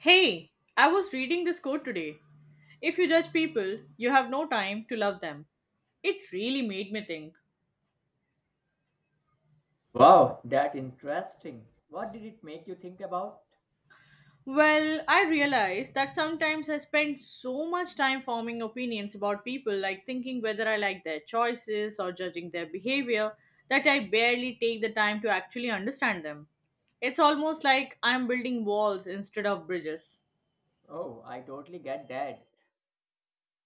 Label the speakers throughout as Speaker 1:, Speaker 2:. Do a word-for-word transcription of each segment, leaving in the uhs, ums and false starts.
Speaker 1: Hey, I was reading this quote today. If you judge people, you have no time to love them. It really made me think.
Speaker 2: Wow, that interesting. What did it make you think about?
Speaker 1: Well, I realized that sometimes I spend so much time forming opinions about people, like thinking whether I like their choices or judging their behavior, that I barely take the time to actually understand them. It's almost like I'm building walls instead of bridges.
Speaker 2: Oh, I totally get that.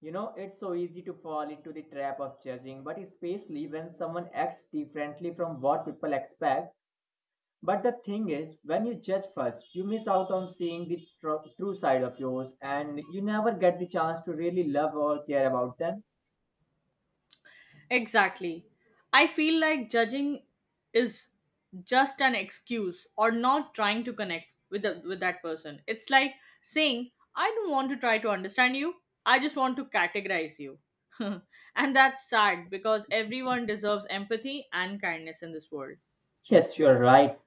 Speaker 2: You know, it's so easy to fall into the trap of judging, but especially when someone acts differently from what people expect. But the thing is, when you judge first, you miss out on seeing the tr- true side of yours and you never get the chance to really love or care about them.
Speaker 1: Exactly. I feel like judging is just an excuse or not trying to connect with the, with that person. It's like saying, "I don't want to try to understand you. I just want to categorize you." And that's sad because everyone deserves empathy and kindness in this world.
Speaker 2: Yes, you're right.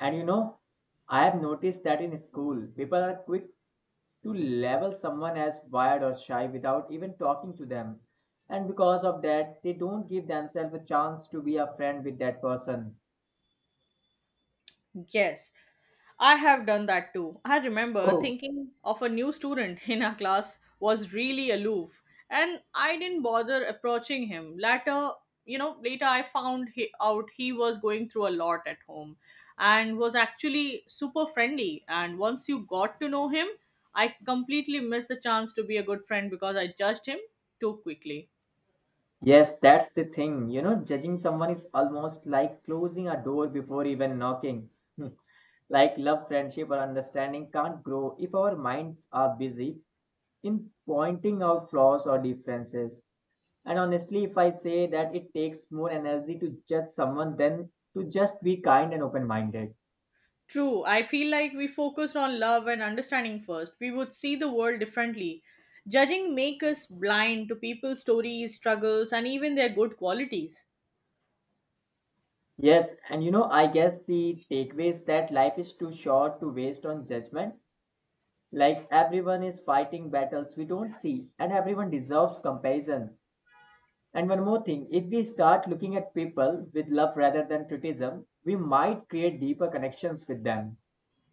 Speaker 2: And you know, I have noticed that in school, people are quick to label someone as wired or shy without even talking to them. And because of that, they don't give themselves a chance to be a friend with that person.
Speaker 1: Yes, I have done that too. I remember
Speaker 2: Oh,
Speaker 1: thinking of a new student in our class was really aloof, and I didn't bother approaching him. Later, you know, later I found he, out he was going through a lot at home and was actually super friendly. And once you got to know him, I completely missed the chance to be a good friend because I judged him too quickly.
Speaker 2: yes, that's the thing. You know, judging someone is almost like closing a door before even knocking. Hmm. Like love, friendship, or understanding can't grow if our minds are busy in pointing out flaws or differences. And honestly, if I say that it takes more energy to judge someone than to just be kind and open minded.
Speaker 1: True. I feel like we focused on love and understanding first. We would see the world differently. Judging make us blind to people's stories, struggles, and even their good qualities.
Speaker 2: Yes, and you know, I guess the takeaway is that life is too short to waste on judgment. Like everyone is fighting battles we don't see, and everyone deserves comparison. And one more thing, if we start looking at people with love rather than criticism, we might create deeper connections with them.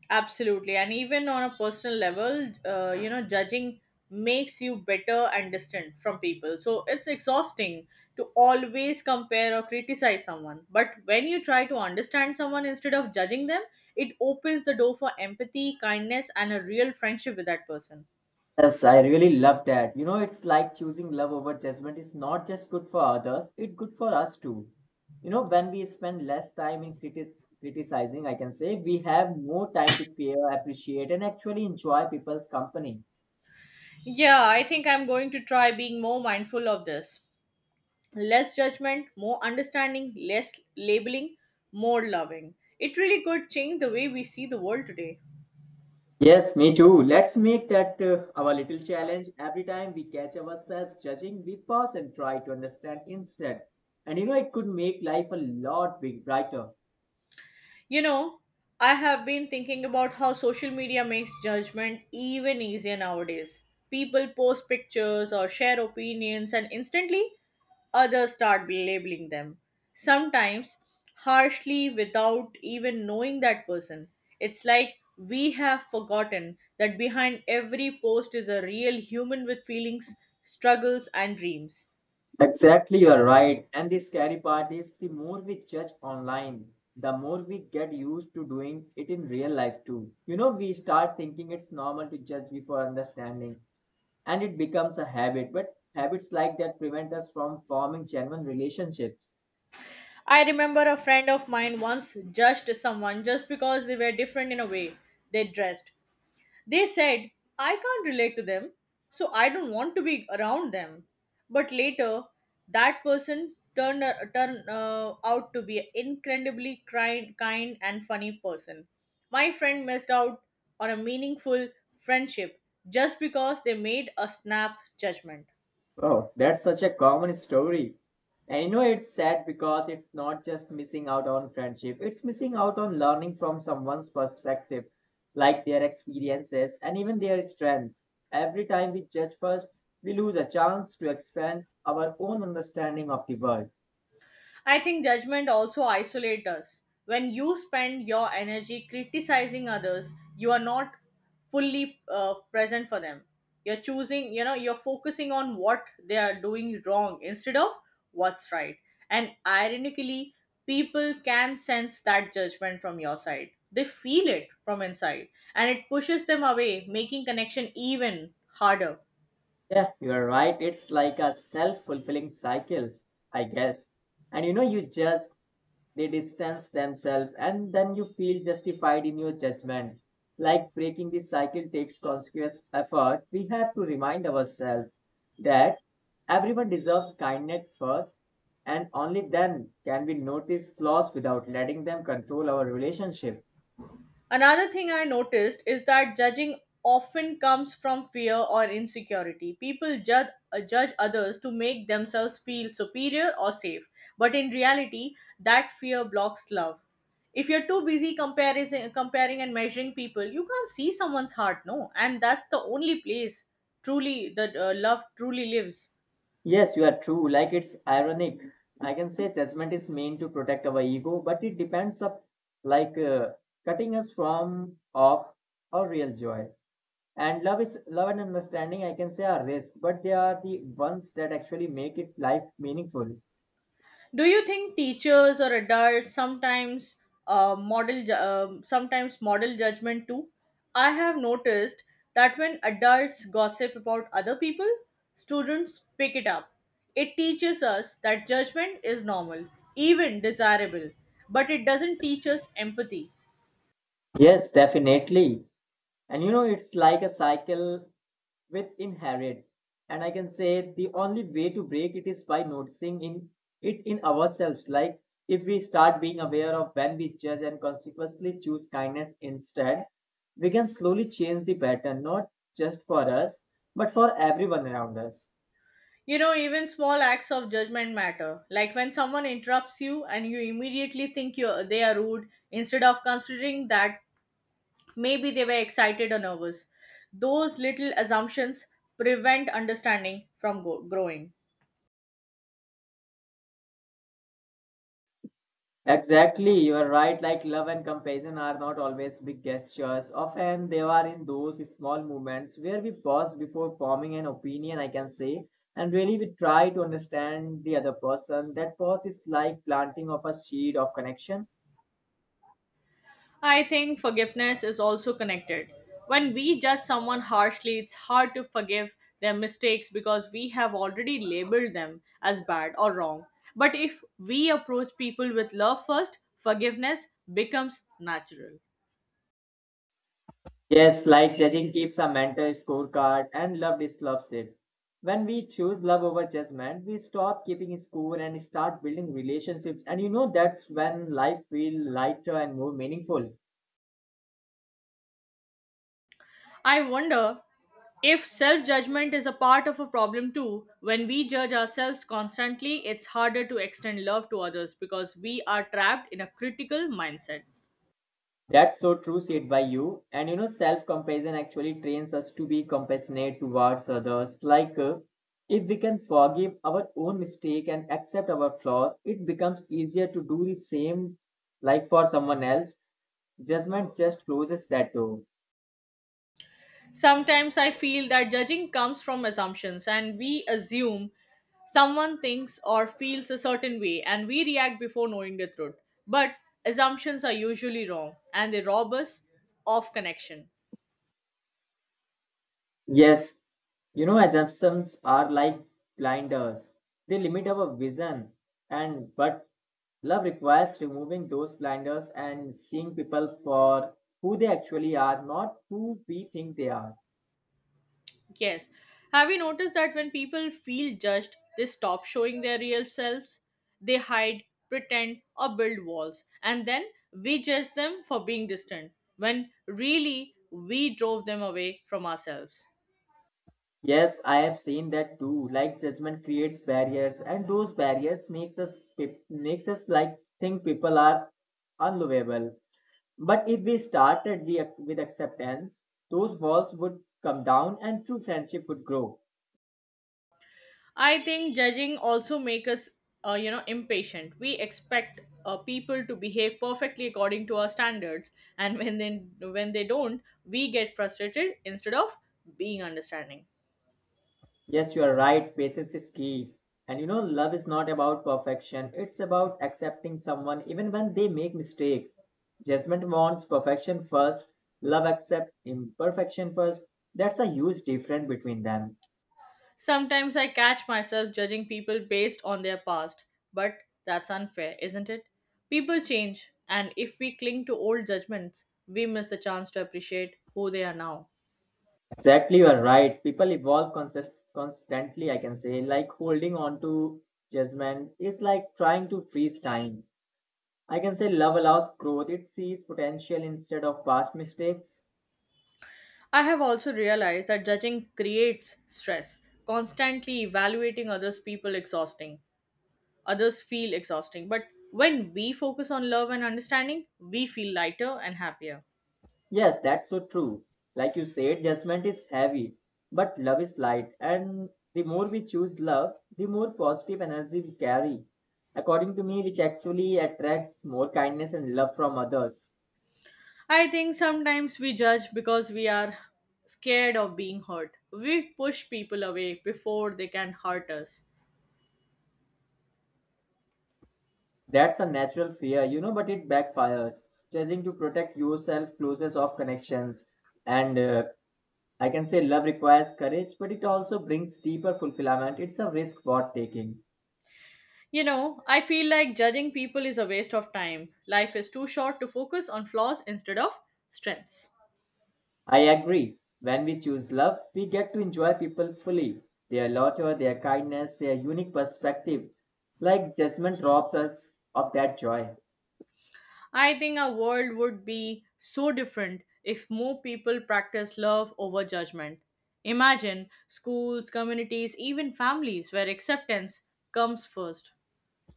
Speaker 1: Absolutely. And even on a personal level, uh, you know, judging makes you better and distant from people. So it's exhausting to always compare or criticize someone. But when you try to understand someone instead of judging them, it opens the door for empathy, kindness, and a real friendship with that person.
Speaker 2: Yes, I really love that. You know, it's like choosing love over judgment is not just good for others, it's good for us too. You know, when we spend less time in criti- criticizing, I can say, we have more time to care, appreciate, and actually enjoy people's company.
Speaker 1: Yeah, I think I'm going to try being more mindful of this. Less judgment, more understanding, less labeling, more loving. It really could change the way we see the world today.
Speaker 2: Yes, me too. Let's make that uh, our little challenge. Every time we catch ourselves judging, we pause and try to understand instead. And you know, it could make life a lot big brighter.
Speaker 1: You know, I have been thinking about how social media makes judgment even easier nowadays. People post pictures or share opinions, and instantly others start labeling them. Sometimes harshly without even knowing that person. It's like we have forgotten that behind every post is a real human with feelings, struggles, and dreams.
Speaker 2: Exactly, you're right. And the scary part is the more we judge online, the more we get used to doing it in real life too. You know, we start thinking it's normal to judge before understanding, and it becomes a habit. But habits like that prevent us from forming genuine relationships.
Speaker 1: I remember a friend of mine once judged someone just because they were different in a way they dressed. They said, I can't relate to them, so I don't want to be around them. But later, that person turned, turned uh, out to be an incredibly kind, kind and funny person. My friend missed out on a meaningful friendship just because they made a snap judgment.
Speaker 2: Oh, that's such a common story. And you know, it's sad because it's not just missing out on friendship, it's missing out on learning from someone's perspective, like their experiences and even their strengths. Every time we judge first, we lose a chance to expand our own understanding of the world.
Speaker 1: I think judgment also isolates us. When you spend your energy criticizing others, you are not fully uh, present for them. You're choosing, you know, You're focusing on what they are doing wrong instead of what's right. And ironically, people can sense that judgment from your side. They feel it from inside and it pushes them away, making connection even harder.
Speaker 2: Yeah, you're right. It's like a self fulfilling cycle, I guess. And you know, you just they distance themselves and then you feel justified in your judgment. Like breaking this cycle takes conscious effort. We have to remind ourselves that everyone deserves kindness first, and only then can we notice flaws without letting them control our relationship.
Speaker 1: Another thing I noticed is that judging often comes from fear or insecurity. People judge, uh, judge others to make themselves feel superior or safe, but in reality, that fear blocks love. If you're too busy comparing, comparing and measuring people, you can't see someone's heart, no? And that's the only place truly that uh, love truly lives.
Speaker 2: Yes, you are true. Like it's ironic, I can say judgment is meant to protect our ego, but it depends up, like, uh, cutting us from off our real joy. And love is love, and understanding, I can say, are risk, but they are the ones that actually make it life meaningful.
Speaker 1: Do you think teachers or adults sometimes uh, model ju- um sometimes model judgment too? I have noticed that when adults gossip about other people, students pick it up. It teaches us that judgment is normal, even desirable, but it doesn't teach us empathy.
Speaker 2: Yes, definitely. And you know, it's like a cycle with inherit. And I can say the only way to break it is by noticing in it in ourselves. Like if we start being aware of when we judge and consequently choose kindness instead, we can slowly change the pattern, not just for us, but for everyone around us.
Speaker 1: You know, even small acts of judgment matter. Like when someone interrupts you and you immediately think you they are rude instead of considering that maybe they were excited or nervous. Those little assumptions prevent understanding from go- growing.
Speaker 2: Exactly, you are right. Like love and compassion are not always big gestures. Often they are in those small moments where we pause before forming an opinion, I can say, and really we try to understand the other person. That pause is like planting of a seed of connection.
Speaker 1: I think forgiveness is also connected. When we judge someone harshly, it's hard to forgive their mistakes because we have already labeled them as bad or wrong. But if we approach people with love first, forgiveness becomes natural.
Speaker 2: Yes, like judging keeps a mental scorecard and love disloves it. When we choose love over judgment, we stop keeping score and start building relationships. And you know that's when life feels lighter and more meaningful.
Speaker 1: I wonder if self judgment is a part of a problem too. When we judge ourselves constantly, it's harder to extend love to others because we are trapped in a critical mindset.
Speaker 2: That's so true, said by you. And you know, self compassion actually trains us to be compassionate towards others. Like, uh, if we can forgive our own mistake and accept our flaws, it becomes easier to do the same, like for someone else. Judgment just closes that door.
Speaker 1: Sometimes I feel that judging comes from assumptions and we assume someone thinks or feels a certain way and we react before knowing the truth. But assumptions are usually wrong and they rob us of connection.
Speaker 2: Yes. You know, assumptions are like blinders. They limit our vision, and but love requires removing those blinders and seeing people for who they actually are, not who we think they are.
Speaker 1: Yes. Have you noticed that when people feel judged, they stop showing their real selves? They hide, pretend, or build walls. And then we judge them for being distant, when really we drove them away from ourselves.
Speaker 2: Yes, I have seen that too. Like judgment creates barriers and those barriers makes us pe- makes us like think people are unlovable. But if we started we, with acceptance, those walls would come down and true friendship would grow.
Speaker 1: I think judging also makes us, uh, you know, impatient. We expect uh, people to behave perfectly according to our standards, and when they when they don't, we get frustrated instead of being understanding.
Speaker 2: Yes, you are right. Patience is key. And you know, love is not about perfection. It's about accepting someone even when they make mistakes. Judgment wants perfection first. Love accepts imperfection first. That's a huge difference between them.
Speaker 1: Sometimes I catch myself judging people based on their past, but that's unfair, isn't it? People change, and if we cling to old judgments, we miss the chance to appreciate who they are now.
Speaker 2: Exactly, you are right. People evolve consist- constantly, I can say. Like holding on to judgment is like trying to freeze time. I can say love allows growth. It sees potential instead of past mistakes.
Speaker 1: I have also realized that judging creates stress. Constantly evaluating others people exhausting. Others feel exhausting, but when we focus on love and understanding, we feel lighter and happier.
Speaker 2: Yes, that's so true. Like you said, judgment is heavy, but love is light. And the more we choose love, the more positive energy we carry. According to me, which actually attracts more kindness and love from others.
Speaker 1: I think sometimes we judge because we are scared of being hurt. We push people away before they can hurt us.
Speaker 2: That's a natural fear, you know, but it backfires. Choosing to protect yourself closes off connections. And uh, I can say love requires courage, but it also brings deeper fulfillment. It's a risk worth taking.
Speaker 1: You know, I feel like judging people is a waste of time. Life is too short to focus on flaws instead of strengths.
Speaker 2: I agree. When we choose love, we get to enjoy people fully, their laughter, their kindness, their unique perspective. Like judgment robs us of that joy.
Speaker 1: I think our world would be so different if more people practice love over judgment. Imagine schools, communities, even families where acceptance comes first.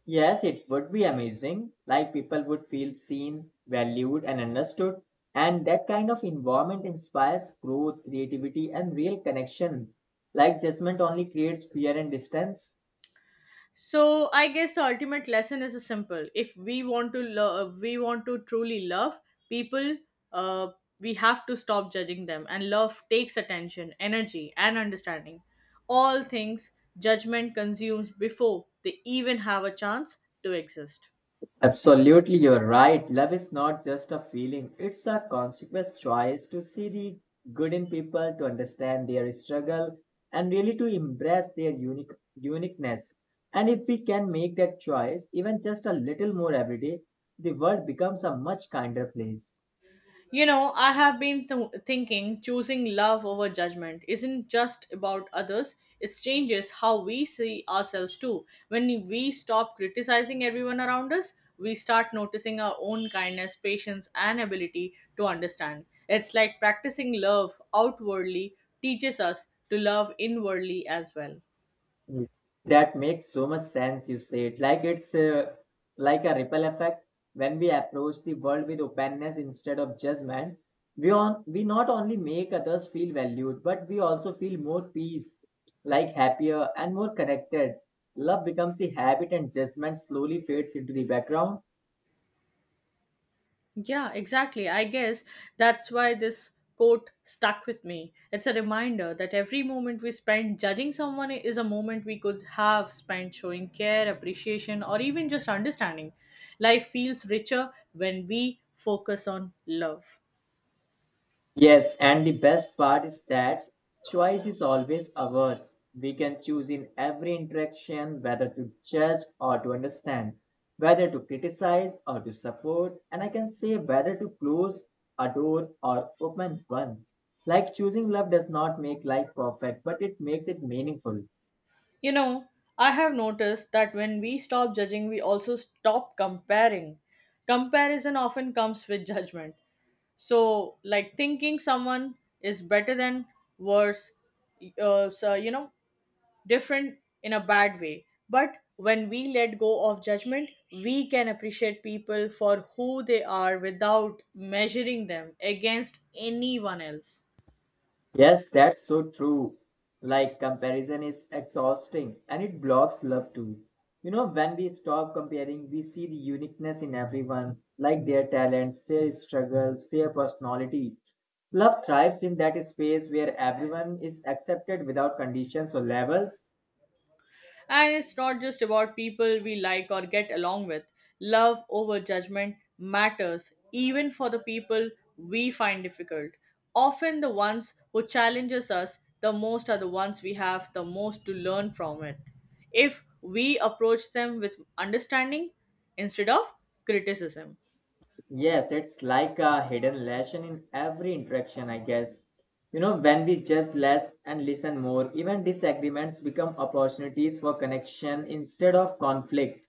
Speaker 2: Yes, it would be amazing. Like people would feel seen, valued, and understood. And that kind of environment inspires growth, creativity, and real connection. Like judgment only creates fear and distance.
Speaker 1: So I guess the ultimate lesson is simple. If we want to love we want to truly love people, uh, we have to stop judging them. And love takes attention, energy, and understanding, all things judgment consumes before they even have a chance to exist.
Speaker 2: Absolutely, you're right. Love is not just a feeling, it's a conscious choice to see the good in people, to understand their struggle, and really to embrace their unique uniqueness. And if we can make that choice even just a little more every day, the world becomes a much kinder place.
Speaker 1: You know, I have been th- thinking, choosing love over judgment isn't just about others, it changes how we see ourselves too. When we stop criticizing everyone around us, we start noticing our own kindness, patience, and ability to understand. It's like practicing love outwardly teaches us to love inwardly as well.
Speaker 2: Ye- That makes so much sense, you said. Like it's uh, like a ripple effect. When we approach the world with openness instead of judgment, we, on, we not only make others feel valued, but we also feel more peace, like happier and more connected. Love becomes a habit, and judgment slowly fades into the background.
Speaker 1: Yeah, exactly. I guess that's why this quote stuck with me. It's a reminder that every moment we spend judging someone is a moment we could have spent showing care, appreciation, or even just understanding. Life feels richer when we focus on love.
Speaker 2: Yes, and the best part is that choice is always ours. We can choose in every interaction whether to judge or to understand, whether to criticize or to support, and I can say whether to close a door or open one. Like choosing love does not make life perfect, but it makes it meaningful.
Speaker 1: You know, I have noticed that when we stop judging, we also stop comparing. Comparison often comes with judgment. So like thinking someone is better than worse, uh, so you know different in a bad way. But when we let go of judgment, we can appreciate people for who they are without measuring them against anyone else.
Speaker 2: Yes, that's so true. Like, comparison is exhausting and it blocks love too. You know, when we stop comparing, we see the uniqueness in everyone, like their talents, their struggles, their personality. Love thrives in that space where everyone is accepted without conditions or levels.
Speaker 1: And it's not just about people we like or get along with. Love over judgment matters, even for the people we find difficult. Often, the ones who challenges us the most are the ones we have the most to learn from it. If we approach them with understanding instead of criticism.
Speaker 2: Yes, it's like a hidden lesson in every interaction, I guess. You know, when we just less and listen more, even disagreements become opportunities for connection instead of conflict.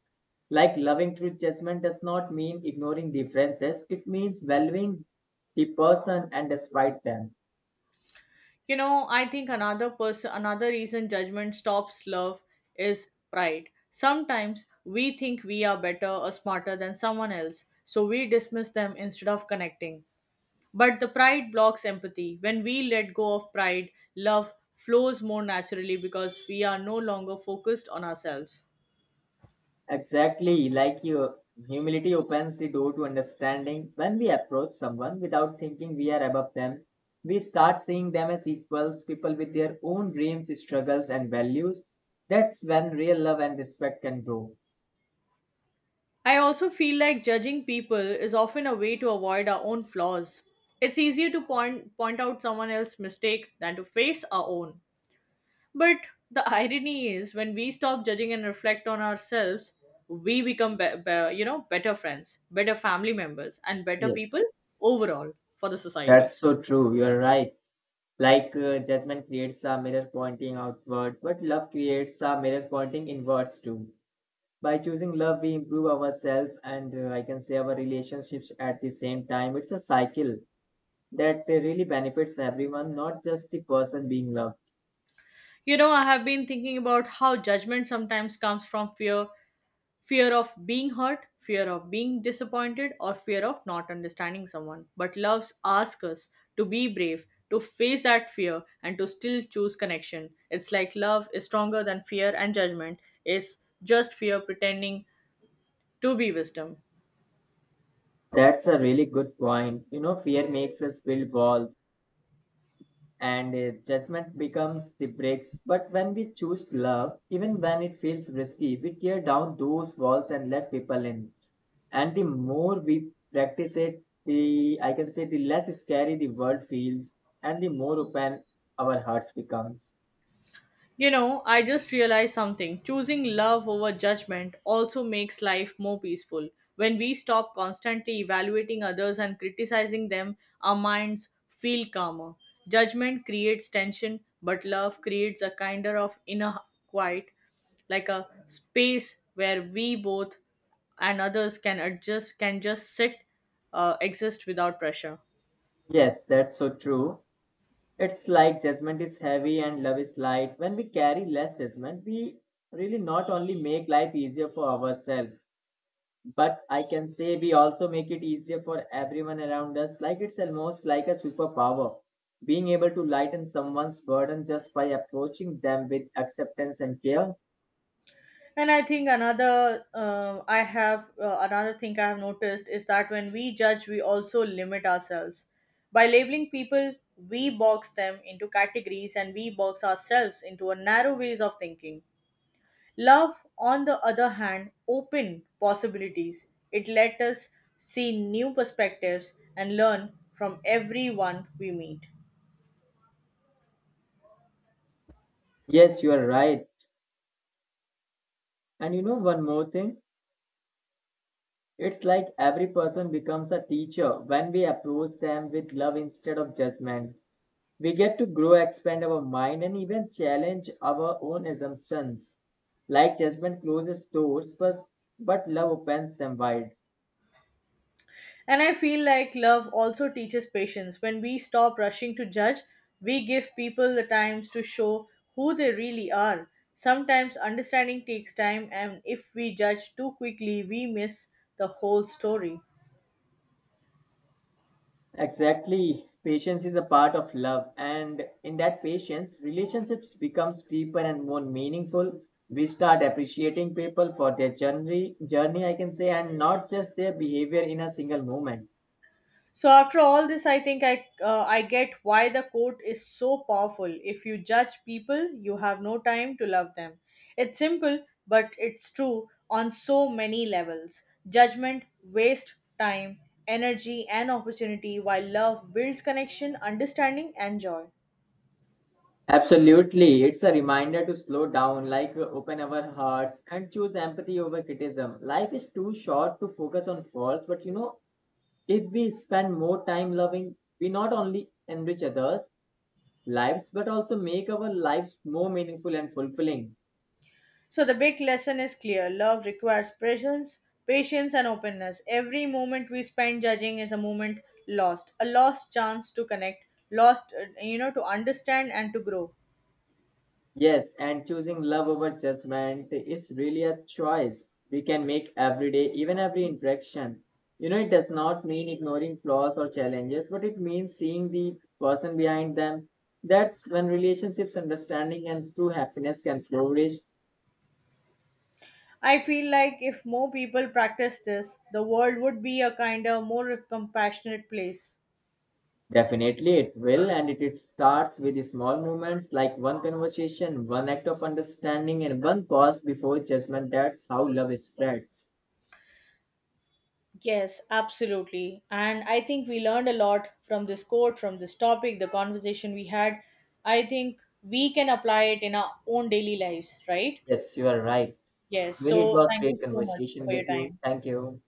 Speaker 2: Like loving through judgment does not mean ignoring differences, it means valuing the person and despite them.
Speaker 1: You know, I think another person, another reason judgment stops love is pride. Sometimes we think we are better or smarter than someone else, so we dismiss them instead of connecting. But the pride blocks empathy. When we let go of pride, love flows more naturally because we are no longer focused on ourselves.
Speaker 2: Exactly, like you, humility opens the door to understanding. When we approach someone without thinking we are above them, we start seeing them as equals, people with their own dreams, struggles, and values. That's when real love and respect can grow.
Speaker 1: I also feel like judging people is often a way to avoid our own flaws. It's easier to point point out someone else's mistake than to face our own. But the irony is, when we stop judging and reflect on ourselves, we become, be- be- you know, better friends, better family members, and better
Speaker 2: Yes,
Speaker 1: people overall for the society.
Speaker 2: that's so true. You're right. Like uh, judgment creates a mirror pointing outward, but love creates a mirror pointing inwards too. By choosing love, we improve ourselves and uh, I can say our relationships at the same time. It's a cycle that uh, really benefits everyone, not just the person being loved.
Speaker 1: You know, I have been thinking about how judgment sometimes comes from fear fear of being hurt, fear of being disappointed, or fear of not understanding someone. But loves ask us to be brave, to face that fear, and to still choose connection. It's like love is stronger than fear and judgment. It's just fear pretending to be wisdom.
Speaker 2: That's a really good point. You know, fear makes us build walls and uh, judgment becomes the bricks. But when we choose love, even when it feels risky, we tear down those walls and let people in. And the more we practice it, the I can say the less scary the world feels and the more open our hearts becomes.
Speaker 1: You know, I just realized something. Choosing love over judgment also makes life more peaceful. When we stop constantly evaluating others and criticizing them, our minds feel calmer. Judgment creates tension, but love creates a kinder of inner quiet, like a space where we both and others can adjust, can just sit, uh, exist without pressure.
Speaker 2: Yes, that's so true. It's like judgment is heavy and love is light. When we carry less judgment, we really not only make life easier for ourselves, but I can say we also make it easier for everyone around us. Like it's almost like a superpower. Being able to lighten someone's burden just by approaching them with acceptance and care.
Speaker 1: And I think another uh, I have uh, another thing I have noticed is that when we judge, we also limit ourselves by labeling people. We box them into categories and we box ourselves into a narrow ways of thinking. Love, on the other hand, open possibilities. It let us see new perspectives and learn from everyone we meet.
Speaker 2: Yes, you are right. And you know one more thing? It's like every person becomes a teacher when we approach them with love instead of judgment. We get to grow, expand our mind, and even challenge our own assumptions. Like judgment closes doors, but, but love opens them wide.
Speaker 1: And I feel like love also teaches patience. When we stop rushing to judge, we give people the times to show who they really are. Sometimes understanding takes time, and if we judge too quickly, we miss the whole story.
Speaker 2: Exactly. Patience is a part of love, and in that patience, relationships becomes deeper and more meaningful. We start appreciating people for their journey, journey I can say, and not just their behavior in a single moment.
Speaker 1: So after all this, I think I uh, I get why the quote is so powerful. If you judge people, you have no time to love them. It's simple, but it's true on so many levels. Judgment waste time, energy, and opportunity, while love builds connection, understanding, and joy.
Speaker 2: Absolutely. It's a reminder to slow down, like uh, open our hearts and choose empathy over criticism. Life is too short to focus on faults, but you know, if we spend more time loving, we not only enrich others' lives but also make our lives more meaningful and fulfilling.
Speaker 1: So the big lesson is clear. Love requires presence, patience, and openness. Every moment we spend judging is a moment lost, a lost chance to connect, lost, uh, you know, to understand and to grow.
Speaker 2: Yes, and choosing love over judgment is really a choice we can make every day, even every interaction. You know, it does not mean ignoring flaws or challenges, but it means seeing the person behind them. That's when relationships, understanding, and true happiness can flourish.
Speaker 1: I feel like if more people practice this, the world would be a kinder, more compassionate place.
Speaker 2: Definitely, it will, and it, it starts with small moments like one conversation, one act of understanding, and one pause before judgment. That's how love spreads.
Speaker 1: Yes, absolutely. And I think we learned a lot from this quote, from this topic, the conversation we had. I think we can apply it in our own daily lives, right?
Speaker 2: Yes, you are right.
Speaker 1: Yes.
Speaker 2: Really, it
Speaker 1: So
Speaker 2: was
Speaker 1: thank
Speaker 2: great
Speaker 1: you so much
Speaker 2: conversation
Speaker 1: for your
Speaker 2: with you.
Speaker 1: time.
Speaker 2: Thank you.